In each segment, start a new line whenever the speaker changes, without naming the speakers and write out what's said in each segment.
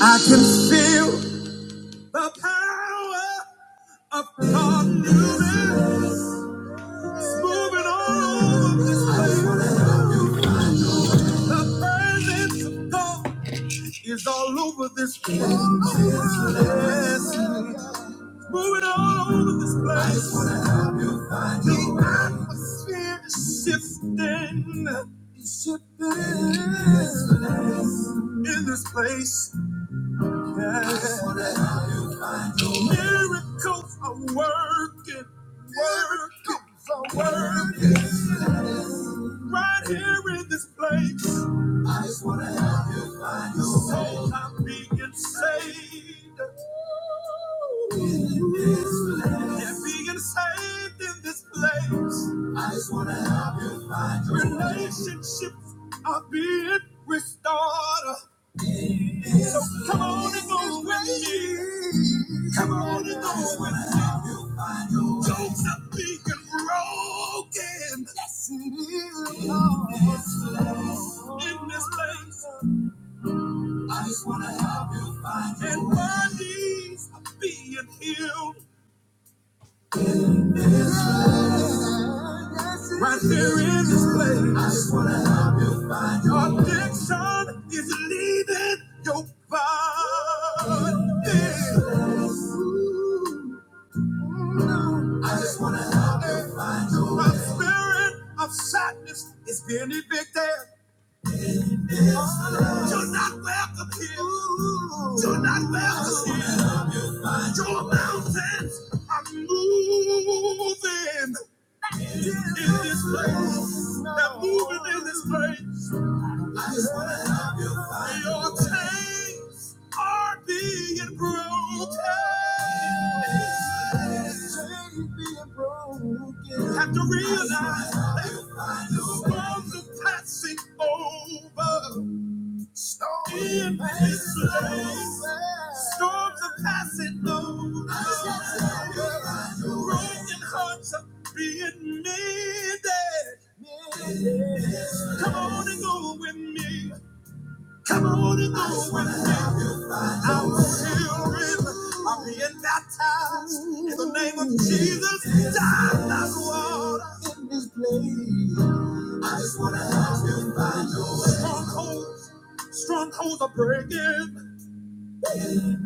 I can feel the power of God moving, moving all over this place. The presence of God is all over this place. Yes, moving all over this place. The atmosphere is shifting, shifting in this place. Yes. Miracles are working, miracles are working right here in this place. I just want to help you find your soul. I'm being saved. In this place. Yeah, being saved in this place. I just want to help you find your soul. Relationships are being restored. So come on and go with me. Come on and go with me. Don't stop being broken. Yes, it is. Lord. In this place, I just want to help you find your And my way. knees are being healed. Right here in this place. I just want to find your Addiction is leaving your body. I just wanna help her find a way. The spirit of sadness is being evicted. You're not welcome here. You're not welcome here. Your mountains are moving in this place. They're moving in this place. Your chains are being broken. You Have to realize that storms are passing over. In this place, storms are passing over. Broken hearts are being mended. Come on and go with me. Come on and I wanna have you. Our children are being baptized in the name of Jesus. Down that water in this place. I just wanna have you by your strongholds. Strongholds are breaking.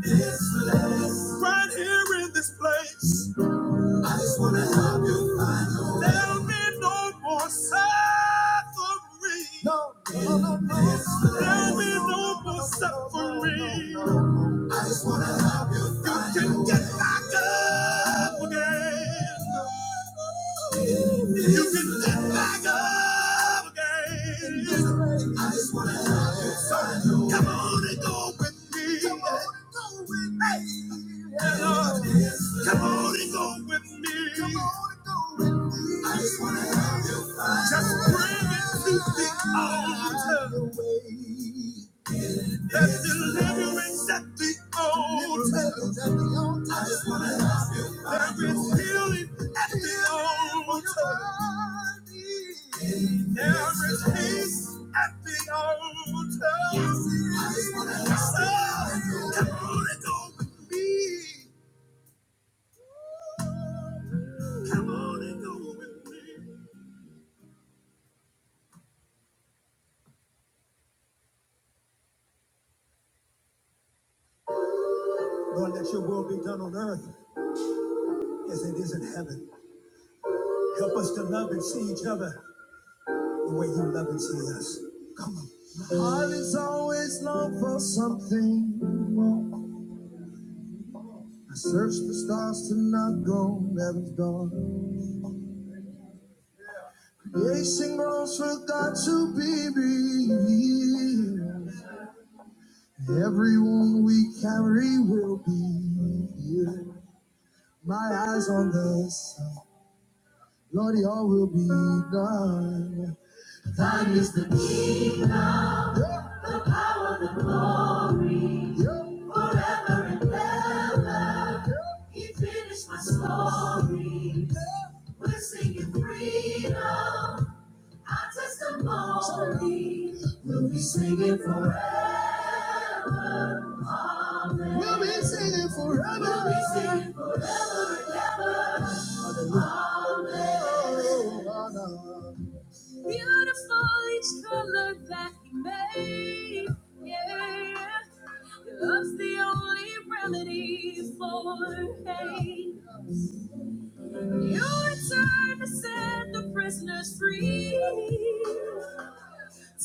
This place. Right here in this place. I just wanna help you find your way. There'll be no more suffering. No, no, no, no. There'll be no more suffering. I just wanna help you find your way. You can get back up again. You can get back up again. I just wanna help you. So come on and go with me. Come on and go with me. Yeah, Come on and go with me. Come on and go with me. I just wanna help you. find Just bring it to the altar. That deliverance at the altar. I just want to help you. There is healing at the altar. There is peace at the altar. I just want to help you. Come on and go with me. Come on and go with me. Lord, let your will be done on earth as it is in heaven. Help us to love and see each other The way you love and see us. Come on. My heart is always long for something more. I search for stars to not go, heaven's door. Creation grows for God to be revealed. Every wound we carry will be healed. My eyes on the sun, Lord, all will be done. Thine is the kingdom. Yeah, yeah. He finished my story. We're singing freedom, our testimony. We'll be singing forever. We'll be singing forever. Oh, Beautiful each color that he made. Yeah. Love's the only remedy for pain. Your time to set the prisoners free.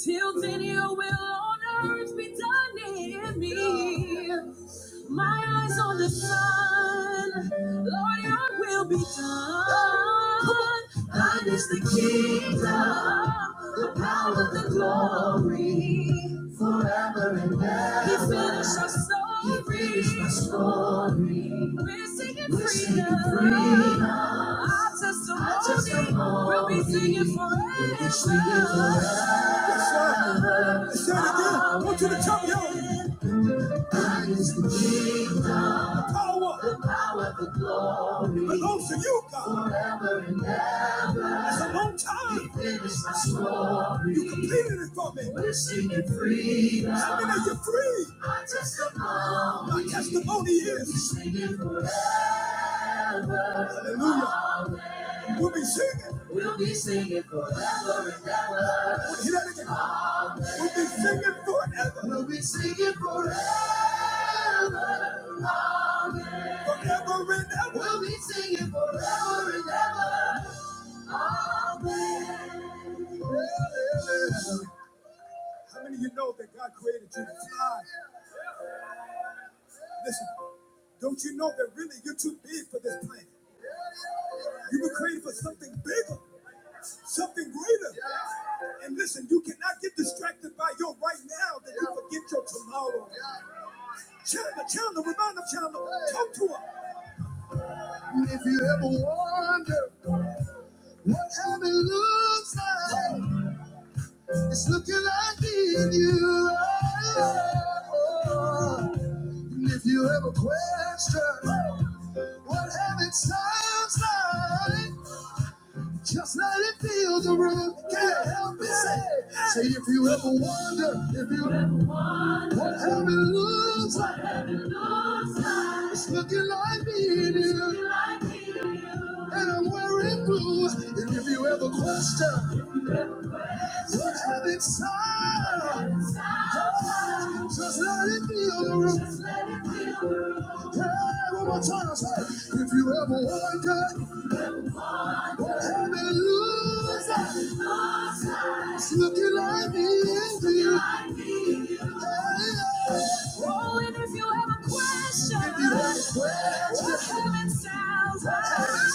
Till then, your will on earth be done in me. My eyes on the sun, Lord, your will be done. Thine is the kingdom, the power, the glory. He finished our story. He finished my story. We're singing We're singing freedom. freedom. Our testimony, Our testimony will be singing forever. we be singing forever. Yes, Let's say it again. I want you to tell me how the power belongs to you, God. It's a long time. You completed it for me. We're singing freedom. How many are you free? Our testimony. My testimony is. We're singing forever. Hallelujah. We'll be singing. We'll be singing forever and ever. I want to Hear that again. We'll be singing forever. We'll be singing forever. Forever and ever. We'll be singing forever and ever. Amen. And if you ever wonder what heaven looks like, it's looking like in you. Oh, And if you ever question what heaven sounds like, Just let it feel the room. Can't help it. Say, say if you ever wonder, if you ever wonder what heaven looks like, it's looking like me and you, and I'm wearing blue. And if you ever question what heaven's like, just let it feel the room. Hey, one more time, say, if you ever wonder what heaven looks like, it's looking like me and you. Oh, and if you have a question, if you have a question, just heaven sounds. Heaven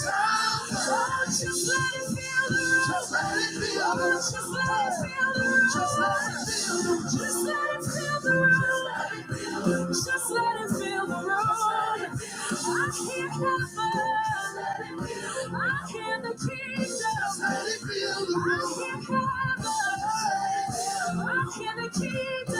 sounds. Oh, just let it fill the room. Just let it fill the room. Just let it fill the room. Just let it fill the room. Just let it fill the room. Just let it fill the room. I hear heaven. I hear the kingdom. Just let it fill the room. I hear heaven. I hear the kingdom.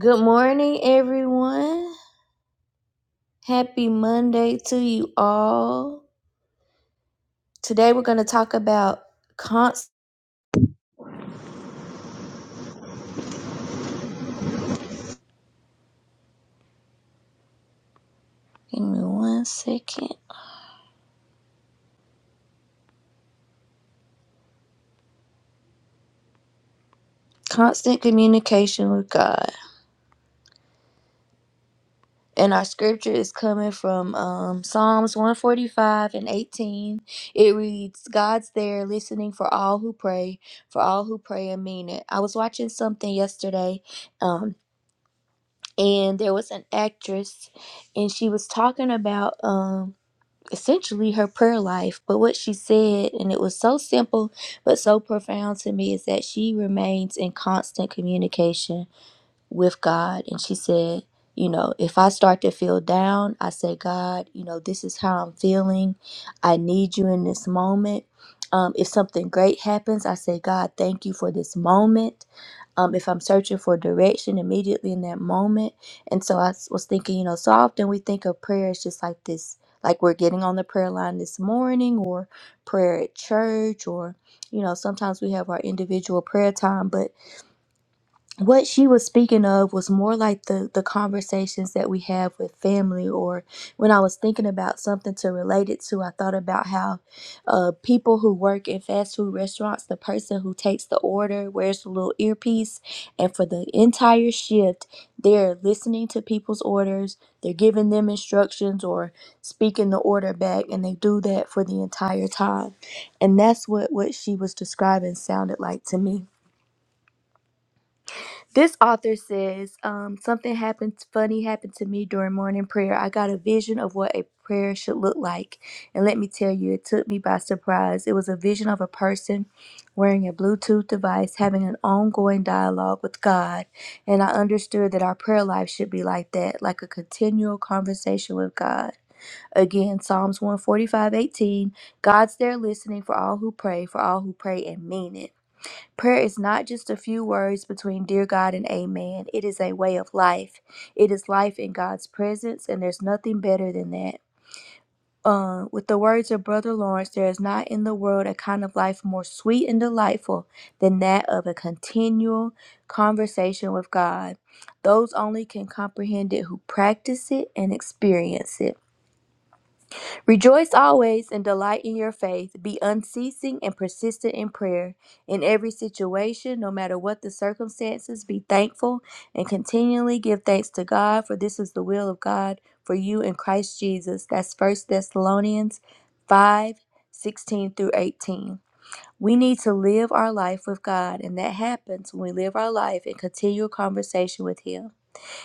Good morning, everyone. Happy Monday to you all. Today we're going to talk about constant. Give me one second. Constant communication with God. And our scripture is coming from um, Psalms 145 and 18. It reads, God's there listening for all who pray, for all who pray and mean it. I was watching something yesterday, um, and there was an actress, and she was talking about um, essentially her prayer life. But what she said, and it was so simple but so profound to me, is that she remains in constant communication with God. And she said, You know, if I start to feel down, I say, God, you know, this is how I'm feeling. I need you in this moment. Um, if something great happens, I say, God, thank you for this moment. Um, if I'm searching for direction immediately in that moment. And so I was thinking, you know, so often we think of prayer as just like this, like we're getting on the prayer line this morning or prayer at church or, you know, sometimes we have our individual prayer time, but what she was speaking of was more like the the conversations that we have with family or when i was thinking about something to relate it to i thought about how uh people who work in fast food restaurants the person who takes the order wears a little earpiece and for the entire shift they're listening to people's orders they're giving them instructions or speaking the order back and they do that for the entire time and that's what what she was describing sounded like to me this author says, um, something happened funny happened to me during morning prayer. I got a vision of what a prayer should look like. And let me tell you, it took me by surprise. It was a vision of a person wearing a Bluetooth device, having an ongoing dialogue with God. And I understood that our prayer life should be like that, like a continual conversation with God. Again, Psalms one forty five eighteen, God's there listening for all who pray, for all who pray and mean it. Prayer is not just a few words between dear God and amen. It is a way of life. It is life in God's presence, and there's nothing better than that. Uh, with the words of Brother Lawrence, there is not in the world a kind of life more sweet and delightful than that of a continual conversation with God. Those only can comprehend it who practice it and experience it. Rejoice always and delight in your faith. Be unceasing and persistent in prayer. In every situation, no matter what the circumstances, be thankful and continually give thanks to God, for this is the will of God for you in Christ Jesus. That's First Thessalonians 5 16 through 18. We need to live our life with God, and that happens when we live our life in continual conversation with Him.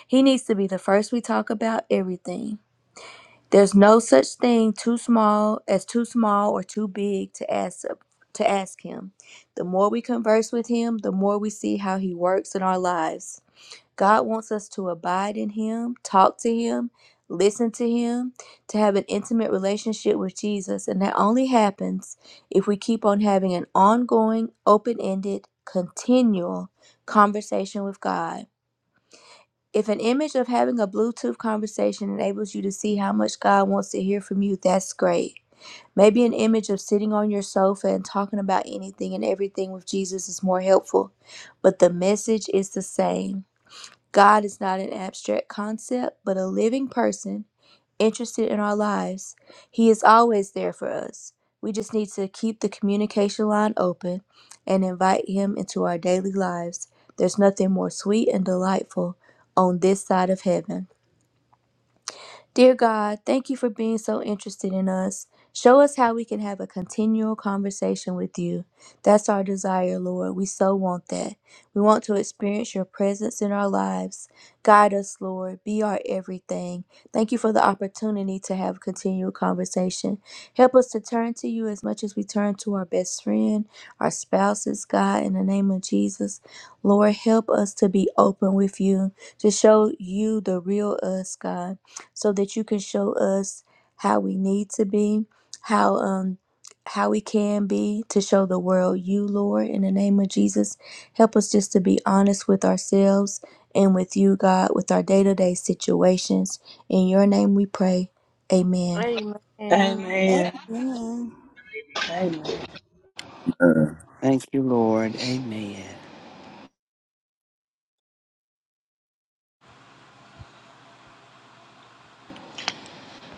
He needs to be the first we talk about everything. There's no such thing too small as too small or too big to ask to ask him. The more we converse with him, the more we see how he works in our lives. God wants us to abide in him, talk to him, listen to him, to have an intimate relationship with Jesus, and that only happens if we keep on having an ongoing, open-ended, continual conversation with God. If an image of having a Bluetooth conversation enables you to see how much God wants to hear from you, that's great. Maybe an image of sitting on your sofa and talking about anything and everything with Jesus is more helpful, but the message is the same. God is not an abstract concept, but a living person interested in our lives. He is always there for us. We just need to keep the communication line open and invite Him into our daily lives. There's nothing more sweet and delightful on this side of heaven. Dear God, thank you for being so interested in us. Show us how we can have a continual conversation with you. That's our desire, Lord. We so want that. We want to experience your presence in our lives. Guide us, Lord. Be our everything. Thank you for the opportunity to have continual conversation. Help us to turn to you as much as we turn to our best friend, our spouses, God, in the name of Jesus. Lord, help us to be open with you, to show you the real us, God so that you can show us how we need to be, how um how we can be to show the world you, Lord, in the name of Jesus. Help us just to be honest with ourselves and with you, God, with our day-to-day situations. In your name we pray. Amen.
Amen.
Amen.
Amen.
Amen.
Amen.
Thank you, Lord. Amen.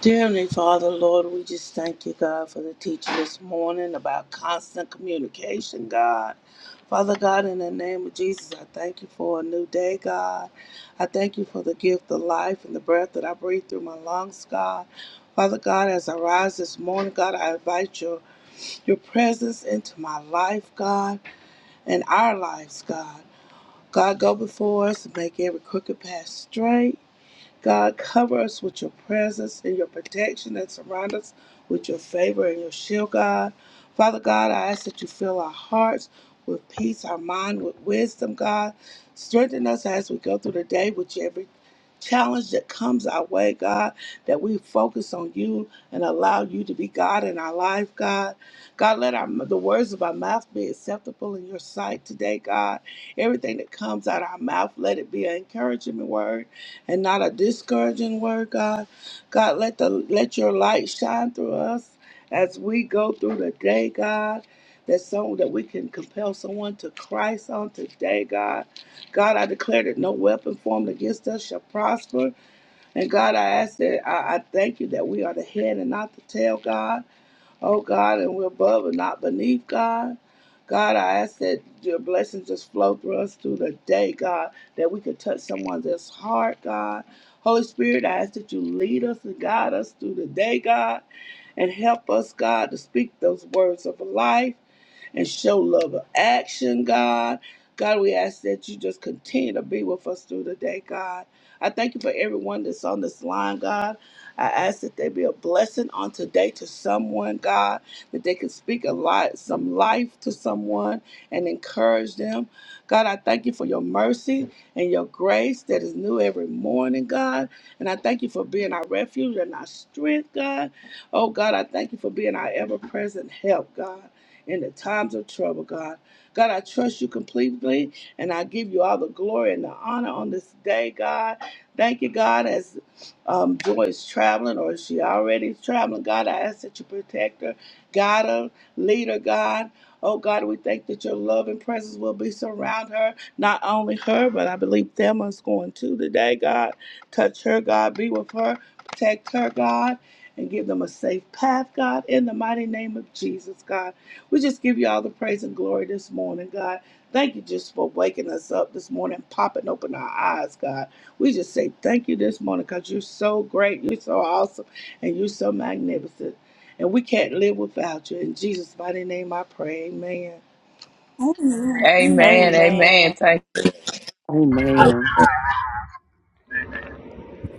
Dear Heavenly Father, Lord, we just thank you, God, for the teaching this morning about constant communication, God. Father God, in the name of Jesus, I thank you for a new day, God. I thank you for the gift of life and the breath that I breathe through my lungs, God. Father God, as I rise this morning, God, I invite your, your presence into my life, God, and our lives, God. God, go before us and make every crooked path straight. God, cover us with your presence and your protection and surround us with your favor and your shield, God. Father God, I ask that you fill our hearts with peace, our mind with wisdom, God. Strengthen us as we go through the day with every challenge that comes our way, God, that we focus on you and allow you to be God in our life, God. God, let our, the words of our mouth be acceptable in your sight today, God. Everything that comes out of our mouth, let it be an encouragement word and not a discouraging word, God. God, let the let your light shine through us as we go through the day, God. That so that we can compel someone to Christ on today, God. God, I declare that no weapon formed against us shall prosper. And God, I ask that I, I thank you that we are the head and not the tail, God. Oh God, and we're above and not beneath, God. God, I ask that your blessings just flow through us through the day, God, that we could touch someone's heart, God. Holy Spirit, I ask that you lead us and guide us through the day, God, and help us, God, to speak those words of life and show love of action, God. God, we ask that you just continue to be with us through the day, God. I thank you for everyone that's on this line, God. I ask that they be a blessing on today to someone, God, that they can speak a lot, some life to someone and encourage them. God, I thank you for your mercy and your grace that is new every morning, God. And I thank you for being our refuge and our strength, God. Oh, God, I thank you for being our ever present help, God in the times of trouble, God. God, I trust you completely and I give you all the glory and the honor on this day, God. Thank you, God, as um, Joy is traveling or is she already is traveling. God, I ask that you protect her, guide her, lead her, God. Oh, God, we thank that your love and presence will be surround her, not only her, but I believe Thelma's going to today, God. Touch her, God. Be with her, protect her, God and give them a safe path, God, in the mighty name of Jesus, God. We just give you all the praise and glory this morning, God. Thank you just for waking us up this morning, popping open our eyes, God. We just say thank you this morning because you're so great, you're so awesome, and you're so magnificent. And we can't live without you. In Jesus' mighty name, I pray. Amen.
Amen.
Amen.
Amen.
Amen.
Amen.
Thank.
Amen.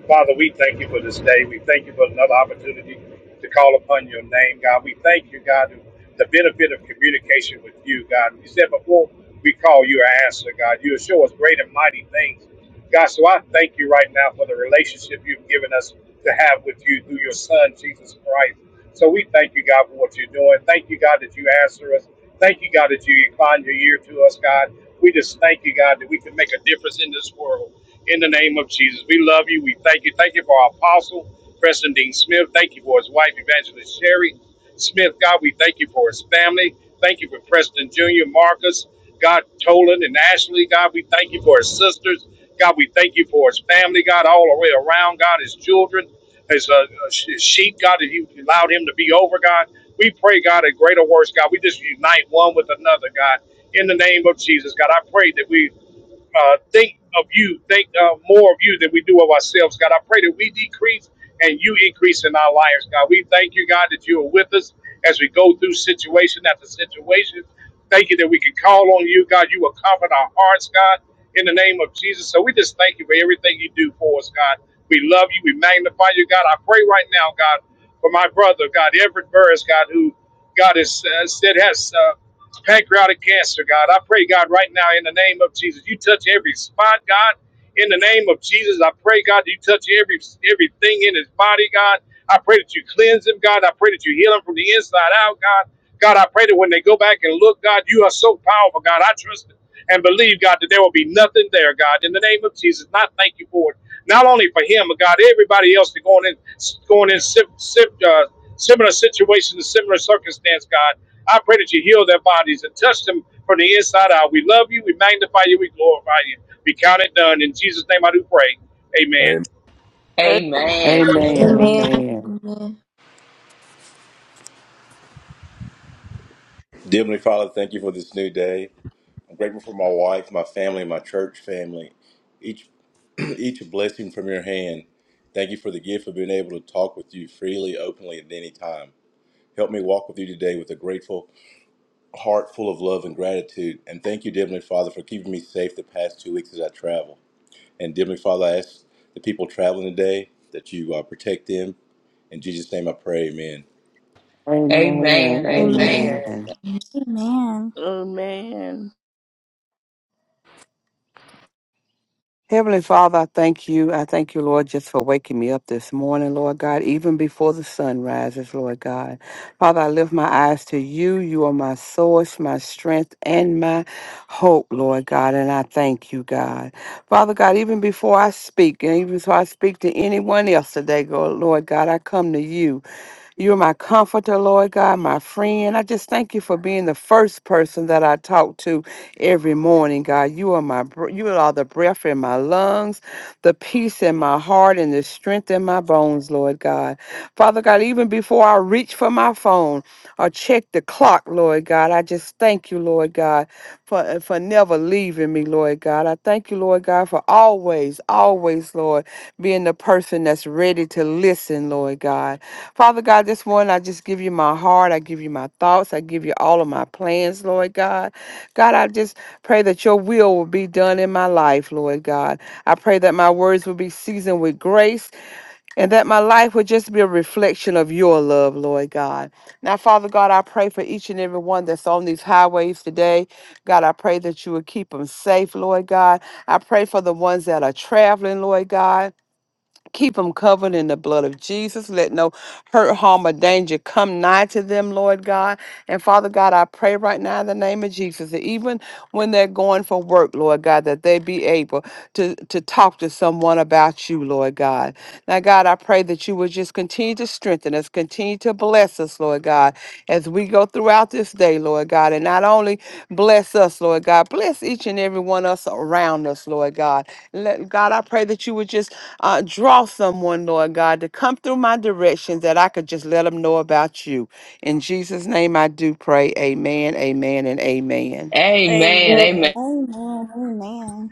Father, we thank you for this day. We thank you for another opportunity to call upon your name, God. We thank you, God, for the benefit of communication with you, God. You said before we call you an answer, God. You show us great and mighty things. God, so I thank you right now for the relationship you've given us to have with you through your son, Jesus Christ. So we thank you, God, for what you're doing. Thank you, God, that you answer us. Thank you, God, that you incline your ear to us, God. We just thank you, God, that we can make a difference in this world. In the name of Jesus, we love you. We thank you. Thank you for our apostle, Preston Dean Smith. Thank you for his wife, Evangelist Sherry Smith. God, we thank you for his family. Thank you for Preston Jr., Marcus. God, Tolan and Ashley, God, we thank you for his sisters. God, we thank you for his family, God, all the way around, God, his children, his, uh, his sheep, God, that you allowed him to be over, God. We pray, God, a greater works, God. We just unite one with another, God, in the name of Jesus, God. I pray that we uh, think of you, think uh, more of you than we do of ourselves, God. I pray that we decrease and you increase in our lives, God. We thank you, God, that you are with us as we go through situation after situation. Thank you that we can call on you, God. You will comfort our hearts, God, in the name of Jesus. So we just thank you for everything you do for us, God. We love you. We magnify you, God. I pray right now, God, for my brother, God, Everett Burris, God, who, God, has uh, said has. Uh, pancreatic cancer, God. I pray, God, right now in the name of Jesus, you touch every spot, God. In the name of Jesus, I pray, God, that you touch every everything in his body, God. I pray that you cleanse him, God. I pray that you heal him from the inside out, God. God, I pray that when they go back and look, God, you are so powerful, God. I trust and believe, God, that there will be nothing there, God, in the name of Jesus. Not thank you for it. Not only for him, but God, everybody else that's going in, going in sim, sim, uh, similar situations, similar circumstance, God. I pray that you heal their bodies and touch them from the inside out. We love you. We magnify you. We glorify you. We count it done. In Jesus' name I do pray. Amen.
Uh,
Amen. Amen.
Amen.
Amen.
Amen.
Amen.
Amen.
Dear Heavenly Father, thank you for this new day. I'm grateful for my wife, my family, my church family. Each each a blessing from your hand. Thank you for the gift of being able to talk with you freely, openly at any time. Help me walk with you today with a grateful heart full of love and gratitude. And thank you, dear Heavenly Father, for keeping me safe the past two weeks as I travel. And dear Heavenly Father, I ask the people traveling today that you uh, protect them. In Jesus' name I pray, amen.
Amen.
Amen.
Amen.
Amen.
Amen.
Amen.
Amen.
Heavenly Father, I thank you. I thank you, Lord, just for waking me up this morning, Lord God, even before the sun rises, Lord God. Father, I lift my eyes to you. You are my source, my strength, and my hope, Lord God, and I thank you, God. Father God, even before I speak, and even before I speak to anyone else today, go- Lord God, I come to you. You're my comforter, Lord God, my friend. I just thank you for being the first person that I talk to every morning, God. You are my br- you are the breath in my lungs, the peace in my heart, and the strength in my bones, Lord God. Father God, even before I reach for my phone or check the clock, Lord God, I just thank you, Lord God, for uh, for never leaving me, Lord God. I thank you, Lord God, for always, always, Lord, being the person that's ready to listen, Lord God. Father God, this morning I just give you my heart. I give you my thoughts. I give you all of my plans, Lord God. God, I just pray that your will will be done in my life, Lord God. I pray that my words will be seasoned with grace and that my life will just be a reflection of your love, Lord God. Now, Father God, I pray for each and every one that's on these highways today. God, I pray that you will keep them safe, Lord God. I pray for the ones that are traveling, Lord God. Keep them covered in the blood of Jesus. Let no hurt, harm, or danger come nigh to them, Lord God. And Father God, I pray right now in the name of Jesus that even when they're going for work, Lord God, that they be able to, to talk to someone about you, Lord God. Now, God, I pray that you would just continue to strengthen us, continue to bless us, Lord God, as we go throughout this day, Lord God. And not only bless us, Lord God, bless each and every one of us around us, Lord God. Let, God, I pray that you would just uh, draw someone, Lord God, to come through my direction that I could just let them know about you. In Jesus' name I do pray. Amen, amen, and amen.
Amen.
Amen.
Amen.
Amen. Amen.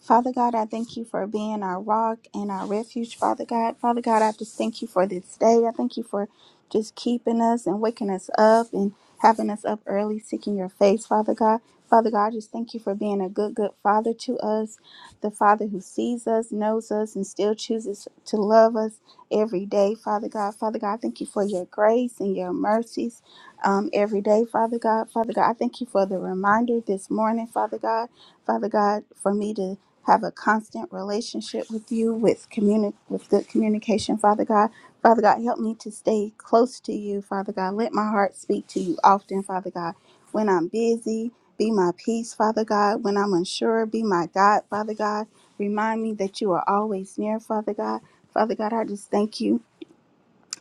Father God, I thank you for being our rock and our refuge, Father God. Father God, I just thank you for this day. I thank you for just keeping us and waking us up and having us up early, seeking your face, Father God. Father God, I just thank you for being a good, good Father to us, the Father who sees us, knows us, and still chooses to love us every day, Father God. Father God, I thank you for your grace and your mercies um, every day, Father God. Father God, I thank you for the reminder this morning, Father God. Father God, for me to have a constant relationship with you with communi- with good communication father god father god help me to stay close to you father god let my heart speak to you often father god when i'm busy be my peace father god when i'm unsure be my god father god remind me that you are always near father god father god i just thank you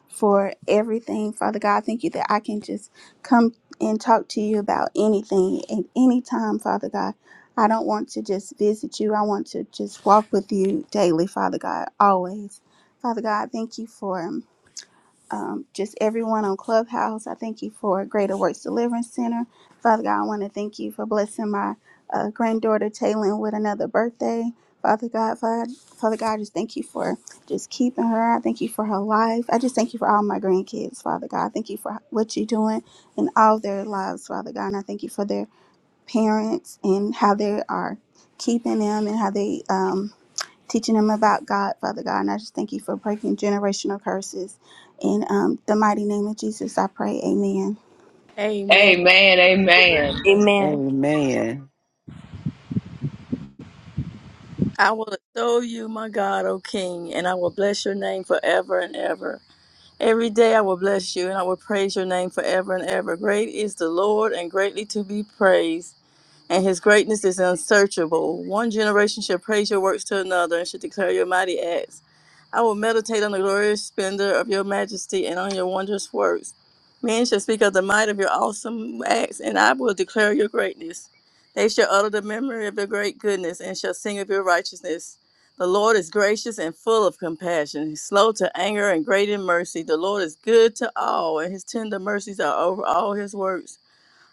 for everything. Father God, thank you that I can just come and talk to you about anything at any time, Father God. I don't want to just visit you. I want to just walk with you daily, Father God, always. Father God, thank you for um, just everyone on Clubhouse. I thank you for Greater Works Deliverance Center. Father God, I want to thank you for blessing my uh, granddaughter Taylor with another birthday. Father God, Father, Father God, I just thank you for just keeping her. I thank you for her life. I just thank you for all my grandkids, Father God. I thank you for what you're doing in all their lives, Father God. And I thank you for their parents and how they are keeping them and how they um, teaching them about God, Father God. And I just thank you for breaking generational curses. In um, the mighty name of Jesus, I pray. Amen.
Amen.
Amen. Amen.
Amen.
Amen.
I will adore you, my God, O King, and I will bless your name forever and ever. Every day I will bless you and I will praise your name forever and ever. Great is the Lord and greatly to be praised. and his greatness is unsearchable. One generation shall praise your works to another and shall declare your mighty acts. I will meditate on the glorious splendor of your majesty and on your wondrous works. Men shall speak of the might of your awesome acts, and I will declare your greatness. They shall utter the memory of your great goodness and shall sing of your righteousness. The Lord is gracious and full of compassion, He's slow to anger and great in mercy. The Lord is good to all, and his tender mercies are over all his works.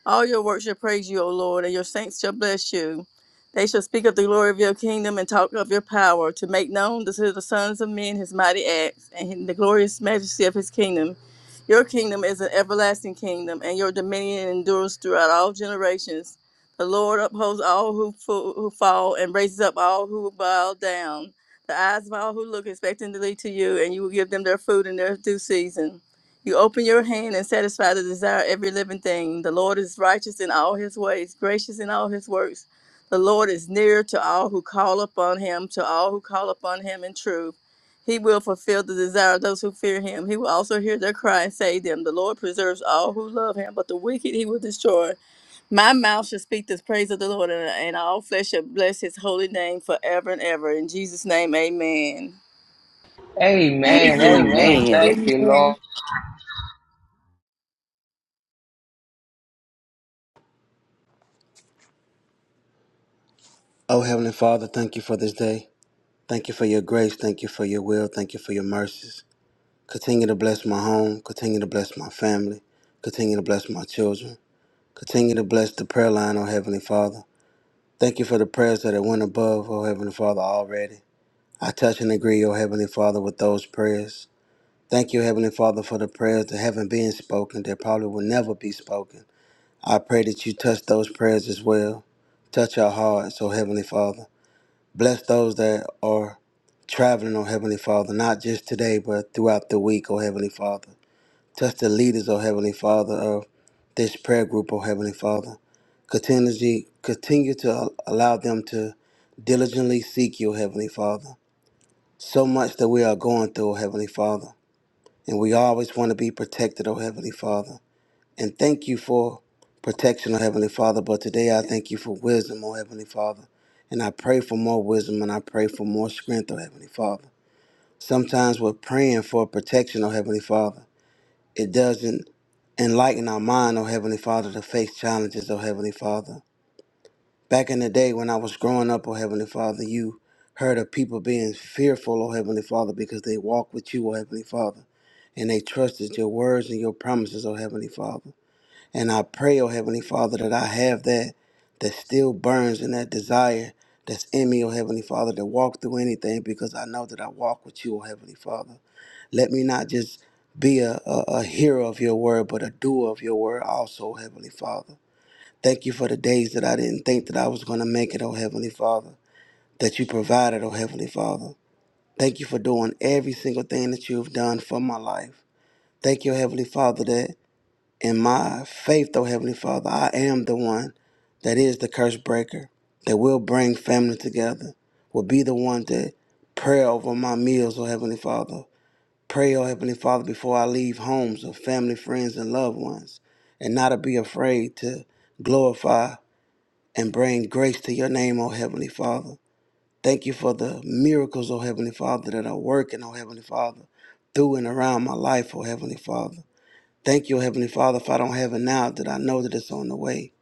All your works shall praise you, O Lord, and your saints shall bless you. They shall speak of the glory of your kingdom and talk of your power, to make known to the sons of men his mighty acts and the glorious majesty of his kingdom. Your kingdom is an everlasting kingdom, and your dominion endures throughout all generations. The Lord upholds all who, fo- who fall and raises up all who bow down. The eyes of all who look expectantly to you, and you will give them their food in their due season. You open your hand and satisfy the desire of every living thing. The Lord is righteous in all his ways, gracious in all his works. The Lord is near to all who call upon him, to all who call upon him in truth. He will fulfill the desire of those who fear him. He will also hear their cry and save them. The Lord preserves all who love him, but the wicked he will destroy. My mouth shall speak the praise of the Lord, and and all flesh shall bless his holy name forever and ever. In Jesus' name, amen.
Amen.
Amen.
Amen.
Amen.
Amen.
Amen.
Thank you, Lord.
Amen.
Oh, Heavenly Father, thank you for this day. Thank you for your grace. Thank you for your will. Thank you for your mercies. Continue to bless my home. Continue to bless my family. Continue to bless my children. Continue to bless the prayer line, oh Heavenly Father. Thank you for the prayers that have went above, oh Heavenly Father, already. I touch and agree, oh Heavenly Father, with those prayers. Thank you, Heavenly Father, for the prayers that haven't been spoken, that probably will never be spoken. I pray that you touch those prayers as well. Touch our hearts, oh Heavenly Father. Bless those that are traveling, oh Heavenly Father, not just today, but throughout the week, oh Heavenly Father. Touch the leaders, oh Heavenly Father, of this prayer group, oh Heavenly Father. Continuously, continue to allow them to diligently seek you, oh Heavenly Father. So much that we are going through, oh Heavenly Father. And we always want to be protected, oh Heavenly Father. And thank you for protection, oh Heavenly Father. But today I thank you for wisdom, oh Heavenly Father. And I pray for more wisdom and I pray for more strength, oh Heavenly Father. Sometimes we're praying for protection, oh Heavenly Father. It doesn't enlighten our mind, oh Heavenly Father, to face challenges, oh Heavenly Father. Back in the day when I was growing up, oh Heavenly Father, you heard of people being fearful, oh Heavenly Father, because they walked with you, oh Heavenly Father. And they trusted your words and your promises, oh Heavenly Father. And I pray, oh Heavenly Father, that I have that that still burns and that desire that's in me, oh Heavenly Father, to walk through anything because I know that I walk with you, oh Heavenly Father. Let me not just be a, a, a hearer of your word, but a doer of your word also, oh Heavenly Father. Thank you for the days that I didn't think that I was going to make it, oh Heavenly Father, that you provided, oh Heavenly Father. Thank you for doing every single thing that you've done for my life. Thank you, Heavenly Father, that in my faith, though, Heavenly Father, I am the one that is the curse breaker, that will bring family together, will be the one that pray over my meals, oh Heavenly Father. Pray, oh Heavenly Father, before I leave homes of family, friends, and loved ones, and not to be afraid to glorify and bring grace to your name, oh Heavenly Father. Thank you for the miracles, oh Heavenly Father, that are working, oh Heavenly Father, through and around my life, oh Heavenly Father. Thank you, O Heavenly Father, if I don't have it now, that I know that it's on the way.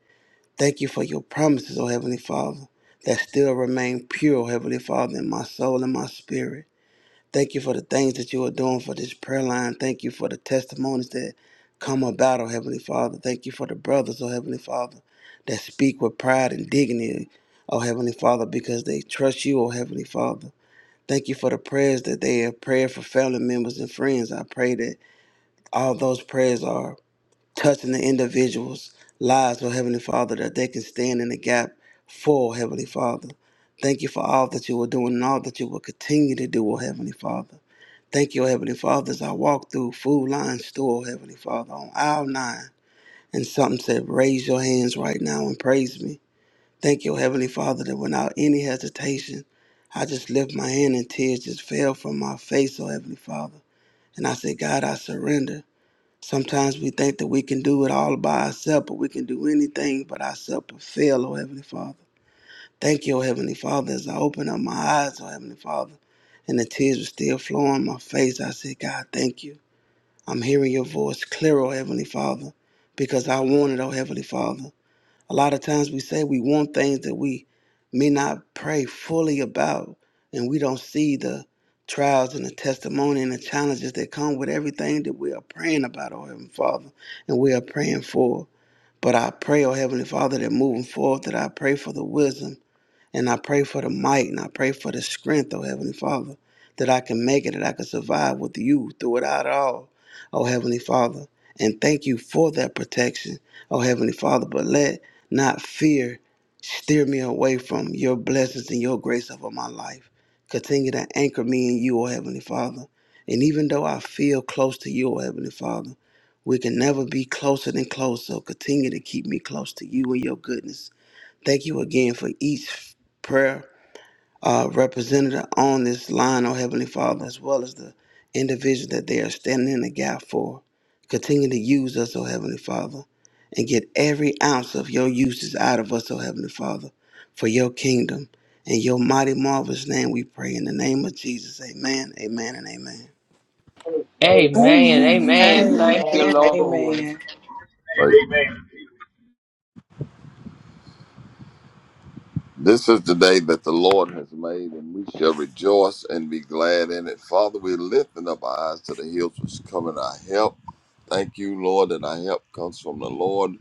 Thank you for your promises, O Heavenly Father, that still remain pure, O Heavenly Father, in my soul and my spirit. Thank you for the things that you are doing for this prayer line. Thank you for the testimonies that come about, O Heavenly Father. Thank you for the brothers, O Heavenly Father, that speak with pride and dignity, O Heavenly Father, because they trust you, O Heavenly Father. Thank you for the prayers that they have prayed for family members and friends. I pray that all those prayers are touching the individuals' lives, oh Heavenly Father, that they can stand in the gap for Heavenly Father. Thank you for all that you are doing and all that you will continue to do, oh Heavenly Father. Thank you, oh Heavenly Father, as I walk through Food Line Store, oh Heavenly Father, on aisle nine, and something said, Raise your hands right now and praise me. Thank you, oh Heavenly Father, that without any hesitation, I just lift my hand and tears just fell from my face, oh Heavenly Father. And I said, God, I surrender. Sometimes we think that we can do it all by ourselves, but we can do anything but ourselves but fail, oh Heavenly Father. Thank you, oh Heavenly Father, as I open up my eyes, oh Heavenly Father, and the tears were still flowing my face. I said, God, thank you. I'm hearing your voice clear, oh Heavenly Father, because I want it, oh Heavenly Father. A lot of times we say we want things that we may not pray fully about, and we don't see the trials and the testimony and the challenges that come with everything that we are praying about, oh Heavenly Father, and we are praying for. But I pray, oh Heavenly Father, that moving forward, that I pray for the wisdom and I pray for the might and I pray for the strength, oh Heavenly Father, that I can make it, that I can survive with you through it all, oh Heavenly Father. And thank you for that protection, oh Heavenly Father. But let not fear steer me away from your blessings and your grace over my life. Continue to anchor me in you, oh Heavenly Father. And even though I feel close to you, oh Heavenly Father, we can never be closer than close. So continue to keep me close to you and your goodness Thank you again for each prayer uh, representative on this line, oh Heavenly Father, as well as the individual that they are standing in the gap for. Continue to use us, oh Heavenly Father, and get every ounce of your uses out of us, oh Heavenly Father, for your kingdom. In your mighty, marvelous name we pray. In the name of Jesus, amen, amen, and amen.
Amen.
Amen. Amen.
Amen.
Thank you,
Amen.
Lord.
Amen.
Right. This is the day that the Lord has made, and we shall rejoice and be glad in it. Father, we're lifting up our eyes to the hills which come in our help. Thank you, Lord, that our help comes from the Lord.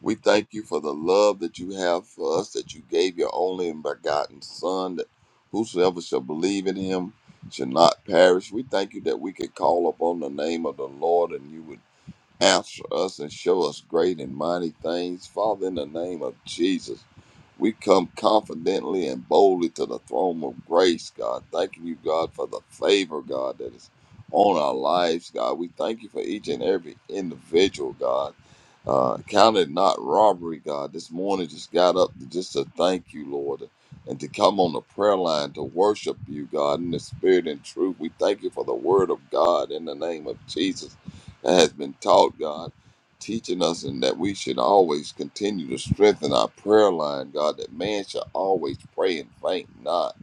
We thank you for the love that you have for us, that you gave your only and begotten Son, that whosoever shall believe in him shall not perish. We thank you that we could call upon the name of the Lord and you would Answer us and show us great and mighty things. Father, in the name of Jesus, we come confidently and boldly to the throne of grace, God. Thanking you, God, for the favor, God, that is on our lives, God. We thank you for each and every individual, God. Uh, counted not robbery, God. This morning just got up to, just to thank you, Lord, and to come on the prayer line to worship you, God, in the spirit and truth. We thank you for the word of God in the name of Jesus has been taught, God, teaching us and that we should always continue to strengthen our prayer line, God, that man shall always pray and faint not.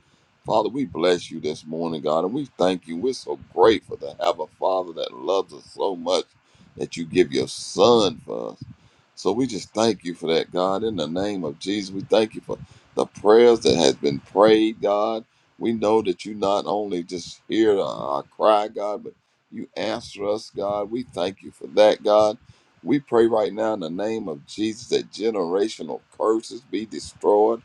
Father, we bless you this morning, God, and we thank you. We're so grateful to have a Father that loves us so much that you give your Son for us. So we just thank you for that, God. In the name of Jesus, we thank you for the prayers that has been prayed, God. We know that you not only just hear our cry, God, but you answer us, God. We thank you for that, God. We pray right now in the name of Jesus that generational curses be destroyed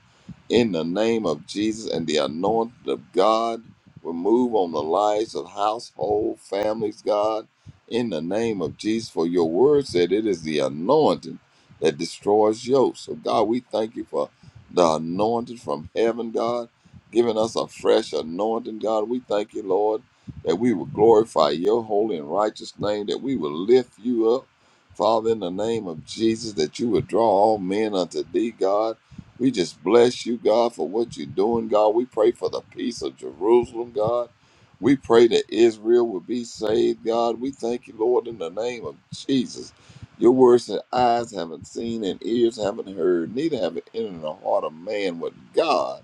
in the name of Jesus and the anointing of God will move on the lives of household families, God, in the name of Jesus. For your word said it is the anointing that destroys yokes. So, God, we thank you for the anointing from heaven, God, giving us a fresh anointing, God. We thank you, Lord that we will glorify your holy and righteous name, that we will lift you up, Father, in the name of Jesus, that you would draw all men unto thee, God. We just bless you, God, for what you're doing, God. We pray for the peace of Jerusalem, God. We pray that Israel will be saved, God. We thank you, Lord, in the name of Jesus. Your words that eyes haven't seen and ears haven't heard, neither have it entered the heart of man what God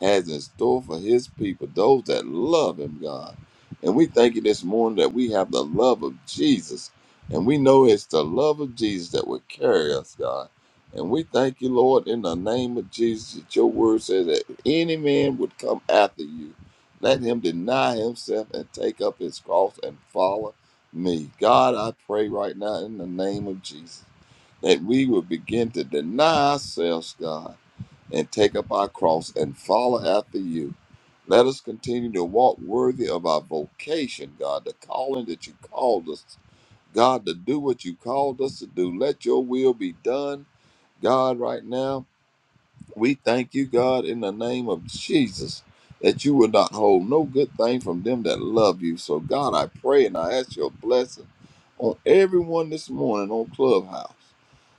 has in store for his people, those that love him, God. And we thank you this morning that we have the love of Jesus. And we know it's the love of Jesus that will carry us, God. And we thank you, Lord, in the name of Jesus, that your word says that if any man would come after you. Let him deny himself and take up his cross and follow me. God, I pray right now in the name of Jesus that we will begin to deny ourselves, God and take up our cross and follow after you. Let us continue to walk worthy of our vocation, God, the calling that you called us, God, to do what you called us to do. Let your will be done, God, right now. We thank you, God, in the name of Jesus, that you will not hold no good thing from them that love you. So, God, I pray and I ask your blessing on everyone this morning on Clubhouse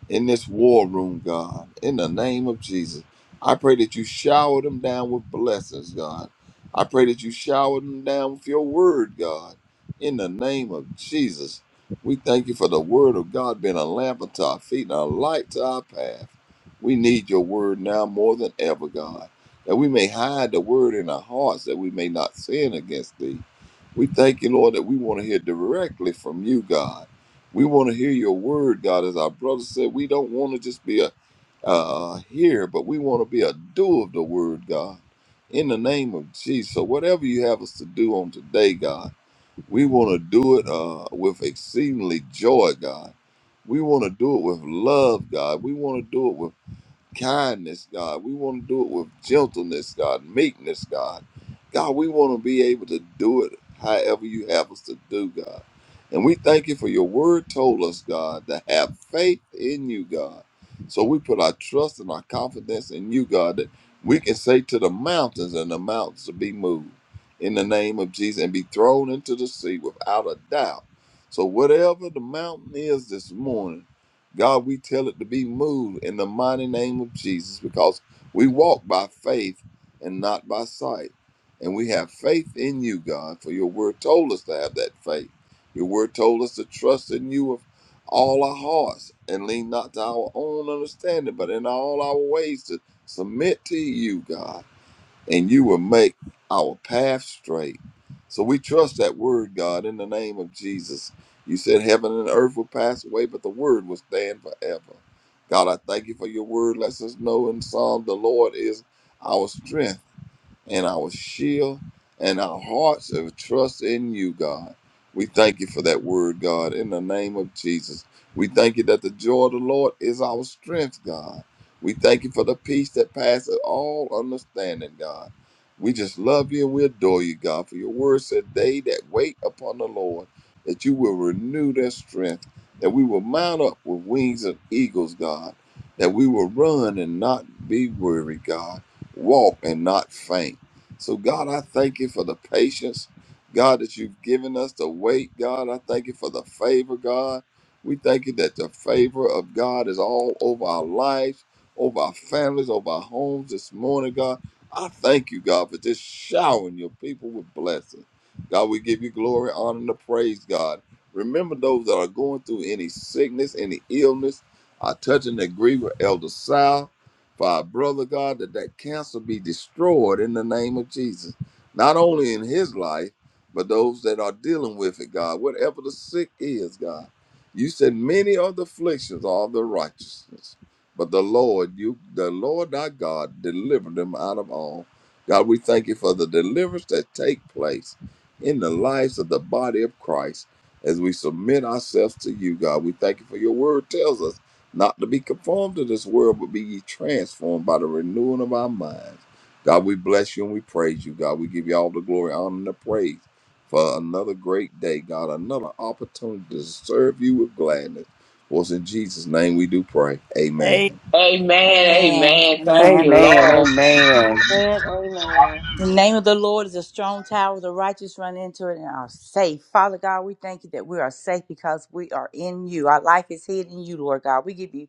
in this war room, God, in the name of Jesus. I pray that you shower them down with blessings, God. I pray that you shower them down with your word, God, in the name of Jesus. We thank you for the word of God being a lamp unto our feet and a light to our path. We need your word now more than ever, God, that we may hide the word in our hearts, that we may not sin against thee. We thank you, Lord, that we want to hear directly from you, God we want to hear your word, God. As our brother said, we don't want to just be a, a hearer, but we want to be a doer of the word, God. In the name of Jesus. So whatever you have us to do on today, God, we want to do it uh, with exceedingly joy, God. We want to do it with love, God. We want to do it with kindness, God. We want to do it with gentleness, God, meekness, God. God, we want to be able to do it however you have us to do, God. And we thank you for your word told us, God, to have faith in you, God. So we put our trust and our confidence in you, God, that we can say to the mountains and the mountains to be moved in the name of Jesus and be thrown into the sea without a doubt. So whatever the mountain is this morning, God, we tell it to be moved in the mighty name of Jesus because we walk by faith and not by sight. And we have faith in you, God, for your word told us to have that faith. Your word told us to trust in you with all our hearts and lean not to our own understanding, but in all our ways to submit to you, God and you will make our path straight. So we trust that word, God, in the name of Jesus. You said heaven and earth will pass away, but the word will stand forever. God, I thank you for your word. Let us know in Psalm the Lord is our strength and our shield and our hearts of trust in you, God. We thank you for that word, God, in the name of Jesus. We thank you that the joy of the Lord is our strength, God. We thank you for the peace that passes all understanding, God. We just love you and we adore you, God, for your word said, They that wait upon the Lord, that you will renew their strength, that we will mount up with wings of eagles, God, that we will run and not be weary, God, walk and not faint. So, God, I thank you for the patience, God, that you've given us to wait, God. I thank you for the favor, God. We thank you that the favor of God is all over our lives, over our families, over our homes this morning, God. I thank you, God, for just showering your people with blessings. God, we give you glory, honor, and the praise, God. Remember those that are going through any sickness, any illness. I touch and agree with Elder Si for our brother God that that cancer be destroyed in the name of Jesus, not only in his life but those that are dealing with it, God. Whatever the sick is, God, you said many are the afflictions of the righteousness, but the Lord, you, the Lord our God, delivered them out of all. God, we thank you for the deliverance that take place in the lives of the body of Christ as we submit ourselves to you, God. We thank you for your word tells us not to be conformed to this world, but be ye transformed by the renewing of our minds. God, we bless you and we praise you, God. We give you all the glory, honor, and the praise for another great day, God, another opportunity to serve you with gladness. For it's in Jesus' name we do pray.
Amen.
Amen.
Amen.
Amen.
Amen. Thank you,
Amen.
Lord.
Amen.
The name of the Lord is a strong tower. The righteous run into it and are safe. Father God, we thank you that we are safe because we are in you. Our life is hid in you, Lord God. We give you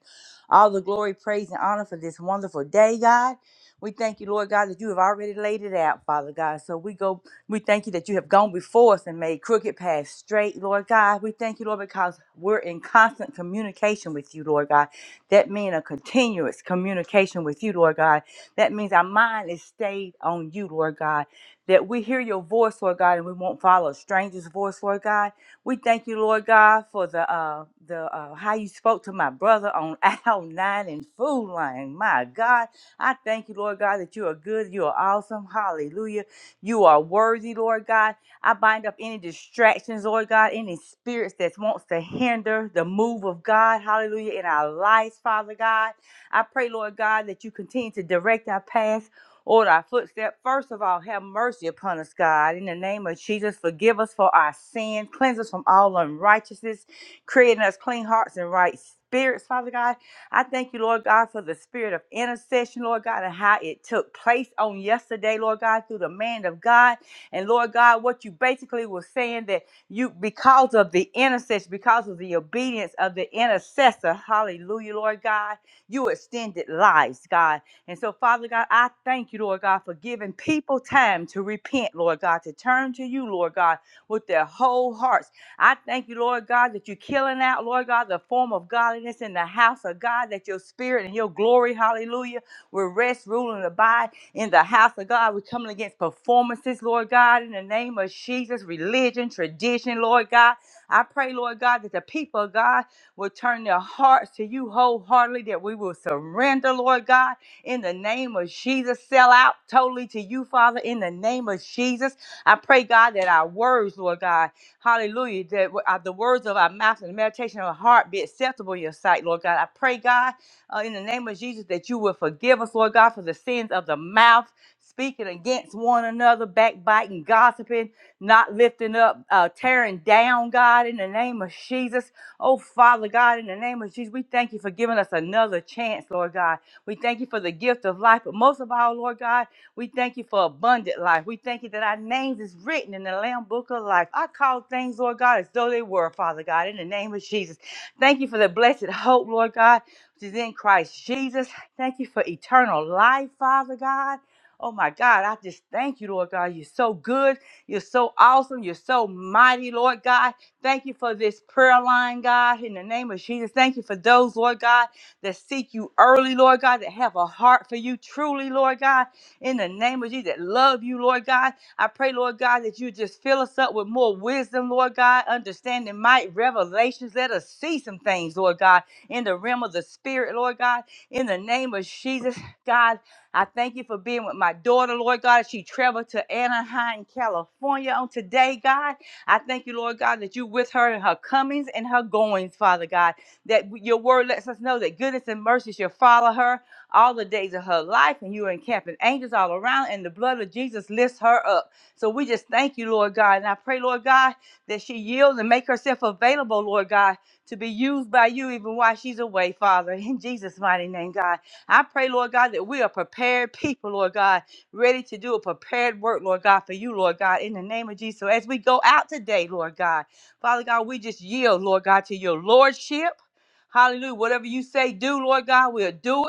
all the glory, praise, and honor for this wonderful day, God. We thank you, Lord God, that you have already laid it out, Father God. So we go, we thank you that you have gone before us and made crooked paths straight, Lord God. We thank you, Lord, because we're in constant communication with you, Lord God. That means a continuous communication with you, Lord God that means our mind is stayed on you, Lord God. That we hear your voice, Lord God, and we won't follow a stranger's voice, Lord God. We thank you, Lord God, for the uh the uh how you spoke to my brother on aisle nine and food line. My God, I thank you, Lord God, that you are good, you are awesome. Hallelujah. You are worthy, Lord God. I bind up any distractions, Lord God, any spirits that wants to hinder the move of God, hallelujah, in our lives, Father God. I pray, Lord God, that you continue to direct our path. Order our footstep. First of all, have mercy upon us, God. In the name of Jesus, forgive us for our sins. Cleanse us from all unrighteousness. Creating us clean hearts and right spirits, Father God. I thank you, Lord God, for the spirit of intercession, Lord God, and how it took place on yesterday, Lord God, through the man of God. And Lord God, what you basically were saying that you, because of the intercession, because of the obedience of the intercessor, hallelujah, Lord God. You extended lives, God. And so, Father God, I thank you, Lord God, for giving people time to repent, Lord God, to turn to you, Lord God, with their whole hearts. I thank you, Lord God, that you're killing out, Lord God, the form of godliness in the house of God, that your spirit and your glory, hallelujah, will rest, rule, and abide in the house of God. We're coming against performances, Lord God, in the name of Jesus, religion, tradition, Lord God. I pray, Lord God, that the people of God will turn their hearts to you wholeheartedly, that we will surrender, Lord God, in the name of Jesus. Sell out totally to you, Father, in the name of Jesus. I pray, God, that our words, Lord God, hallelujah, that w- uh, the words of our mouth and the meditation of our heart be acceptable in your sight, Lord God. I pray, God, uh, in the name of Jesus, that you will forgive us, Lord God, for the sins of the mouth. Speaking against one another, backbiting, gossiping, not lifting up, uh, tearing down, God, in the name of Jesus. Oh, Father God, in the name of Jesus, we thank you for giving us another chance, Lord God. We thank you for the gift of life, but most of all, Lord God, we thank you for abundant life. We thank you that our names is written in the Lamb Book of Life. I call things, Lord God, as though they were, Father God, in the name of Jesus. Thank you for the blessed hope, Lord God, which is in Christ Jesus. Thank you for eternal life, Father God. Oh my God, I just thank you, Lord God. You're so good. You're so awesome. You're so mighty, Lord God. Thank you for this prayer line, God, in the name of Jesus. Thank you for those, Lord God, that seek you early, Lord God, that have a heart for you truly, Lord God, in the name of Jesus, that love you, Lord God. I pray, Lord God, that you just fill us up with more wisdom, Lord God, understanding, might, revelations. Let us see some things, Lord God, in the realm of the Spirit, Lord God, in the name of Jesus, God. I thank you for being with my daughter, Lord God. as She traveled to Anaheim, California on today, God. I thank you, Lord God, that you're with her in her comings and her goings, Father God. That your word lets us know that goodness and mercy shall follow her all the days of her life, and you are encamping angels all around, and the blood of Jesus lifts her up. So we just thank you, Lord God. And I pray, Lord God, that she yields and make herself available, Lord God, to be used by you even while she's away, Father. In Jesus' mighty name, God. I pray, Lord God, that we are prepared people, Lord God ready to do a prepared work, Lord God, for you, Lord God, in the name of Jesus. So as we go out today, Lord God, Father God, we just yield, Lord God, to your lordship. Hallelujah. Whatever you say, do, Lord God, we'll do it.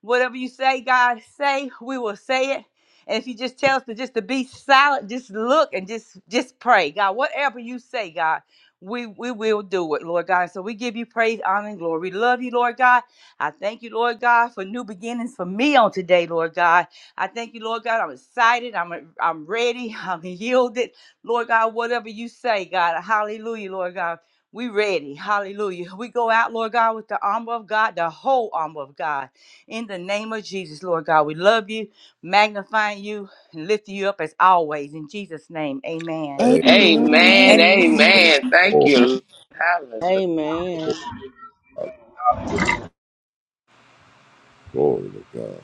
Whatever you say, God, say, we will say it. And if you just tell us to just to be silent, just look and just just pray. God, whatever you say, God, we we will do it, Lord God. So we give you praise, honor, and glory. We love you, Lord God. I thank you, Lord God, for new beginnings for me on today, Lord God. I thank you, Lord God. I'm excited. I'm I'm ready. I'm yielded. Lord God, whatever you say, God. Hallelujah, Lord God. We ready. Hallelujah. We go out, Lord God, with the armor of God, the whole armor of God. In the name of Jesus, Lord God, we love you, magnifying you, and lifting you up as always. In Jesus' name,
Amen.
amen.
Amen.
Amen.
Amen.
Amen.
Amen. Thank you. Lord. Hallelujah.
Amen.
Glory to God.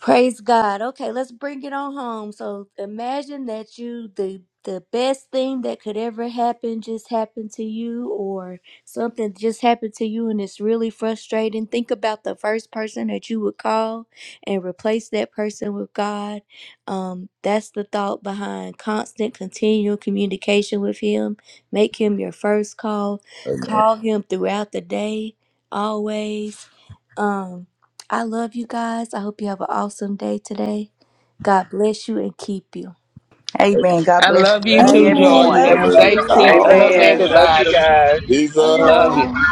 Praise God. Okay, let's bring it on home. So imagine that you the the best thing that could ever happen just happened to you or something just happened to you and it's really frustrating. Think about the first person that you would call and replace that person with God. Um that's the thought behind constant continual communication with him. Make him your first call.
Amen.
Call him throughout the day always um, I love you guys. I hope you have an awesome day today. God bless you and keep you.
Amen. God
I
bless you.
love you
Love you,
too, Joy.
Amen.
You
Amen.
Love
everyone.
Love
have a
Love
you.
everybody.
safe
you.
Safe
trip. I
Oh,
Love you,
love
Amen.
travels.
Love
everyone.
you
everybody.
guys.
Love
Amen.
Love
Jesus.
you.
y'all.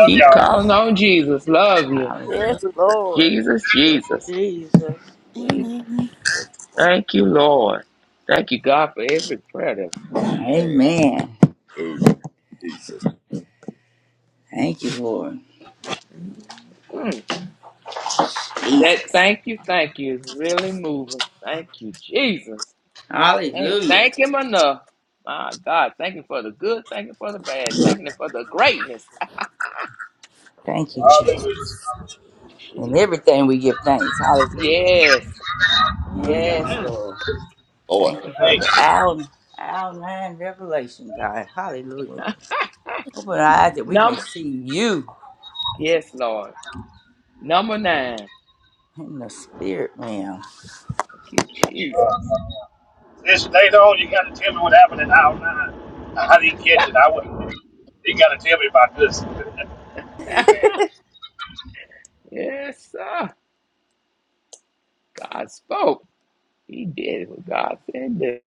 Keep
Y'all,
calling on Jesus. Love you.
Yeah.
yes,
Hallelujah.
Lord.
Jesus, Jesus.
Jesus.
Amen.
Thank you, Lord. Thank you, God, for every prayer. That,
Amen.
Amen.
Hallelujah. Jesus.
Thank you, Lord.
Mm. that
Jesus.
thank you, thank you is really moving. Thank you, Jesus. Can't
Hallelujah.
thank Him enough. My God, thank you for the good, thank you for the bad, thank you for the greatness.
Thank you, Jesus. And
Jesus.
everything we give thanks. Hallelujah.
Yes.
Yes,
Mm-mm.
Lord.
Lord.
Thank you for the out- outline revelation, God. Hallelujah. Open our eyes that we may
Number,
see you.
yes, Lord. Number nine.
in the spirit realm.
Thank you, Jesus.
this later
Thank
on,
you.
you got to tell me what happened in hour nine. I didn't catch it. I wouldn't. You got to tell me about this. Amen.
Yes, sir. God spoke. He did what God said.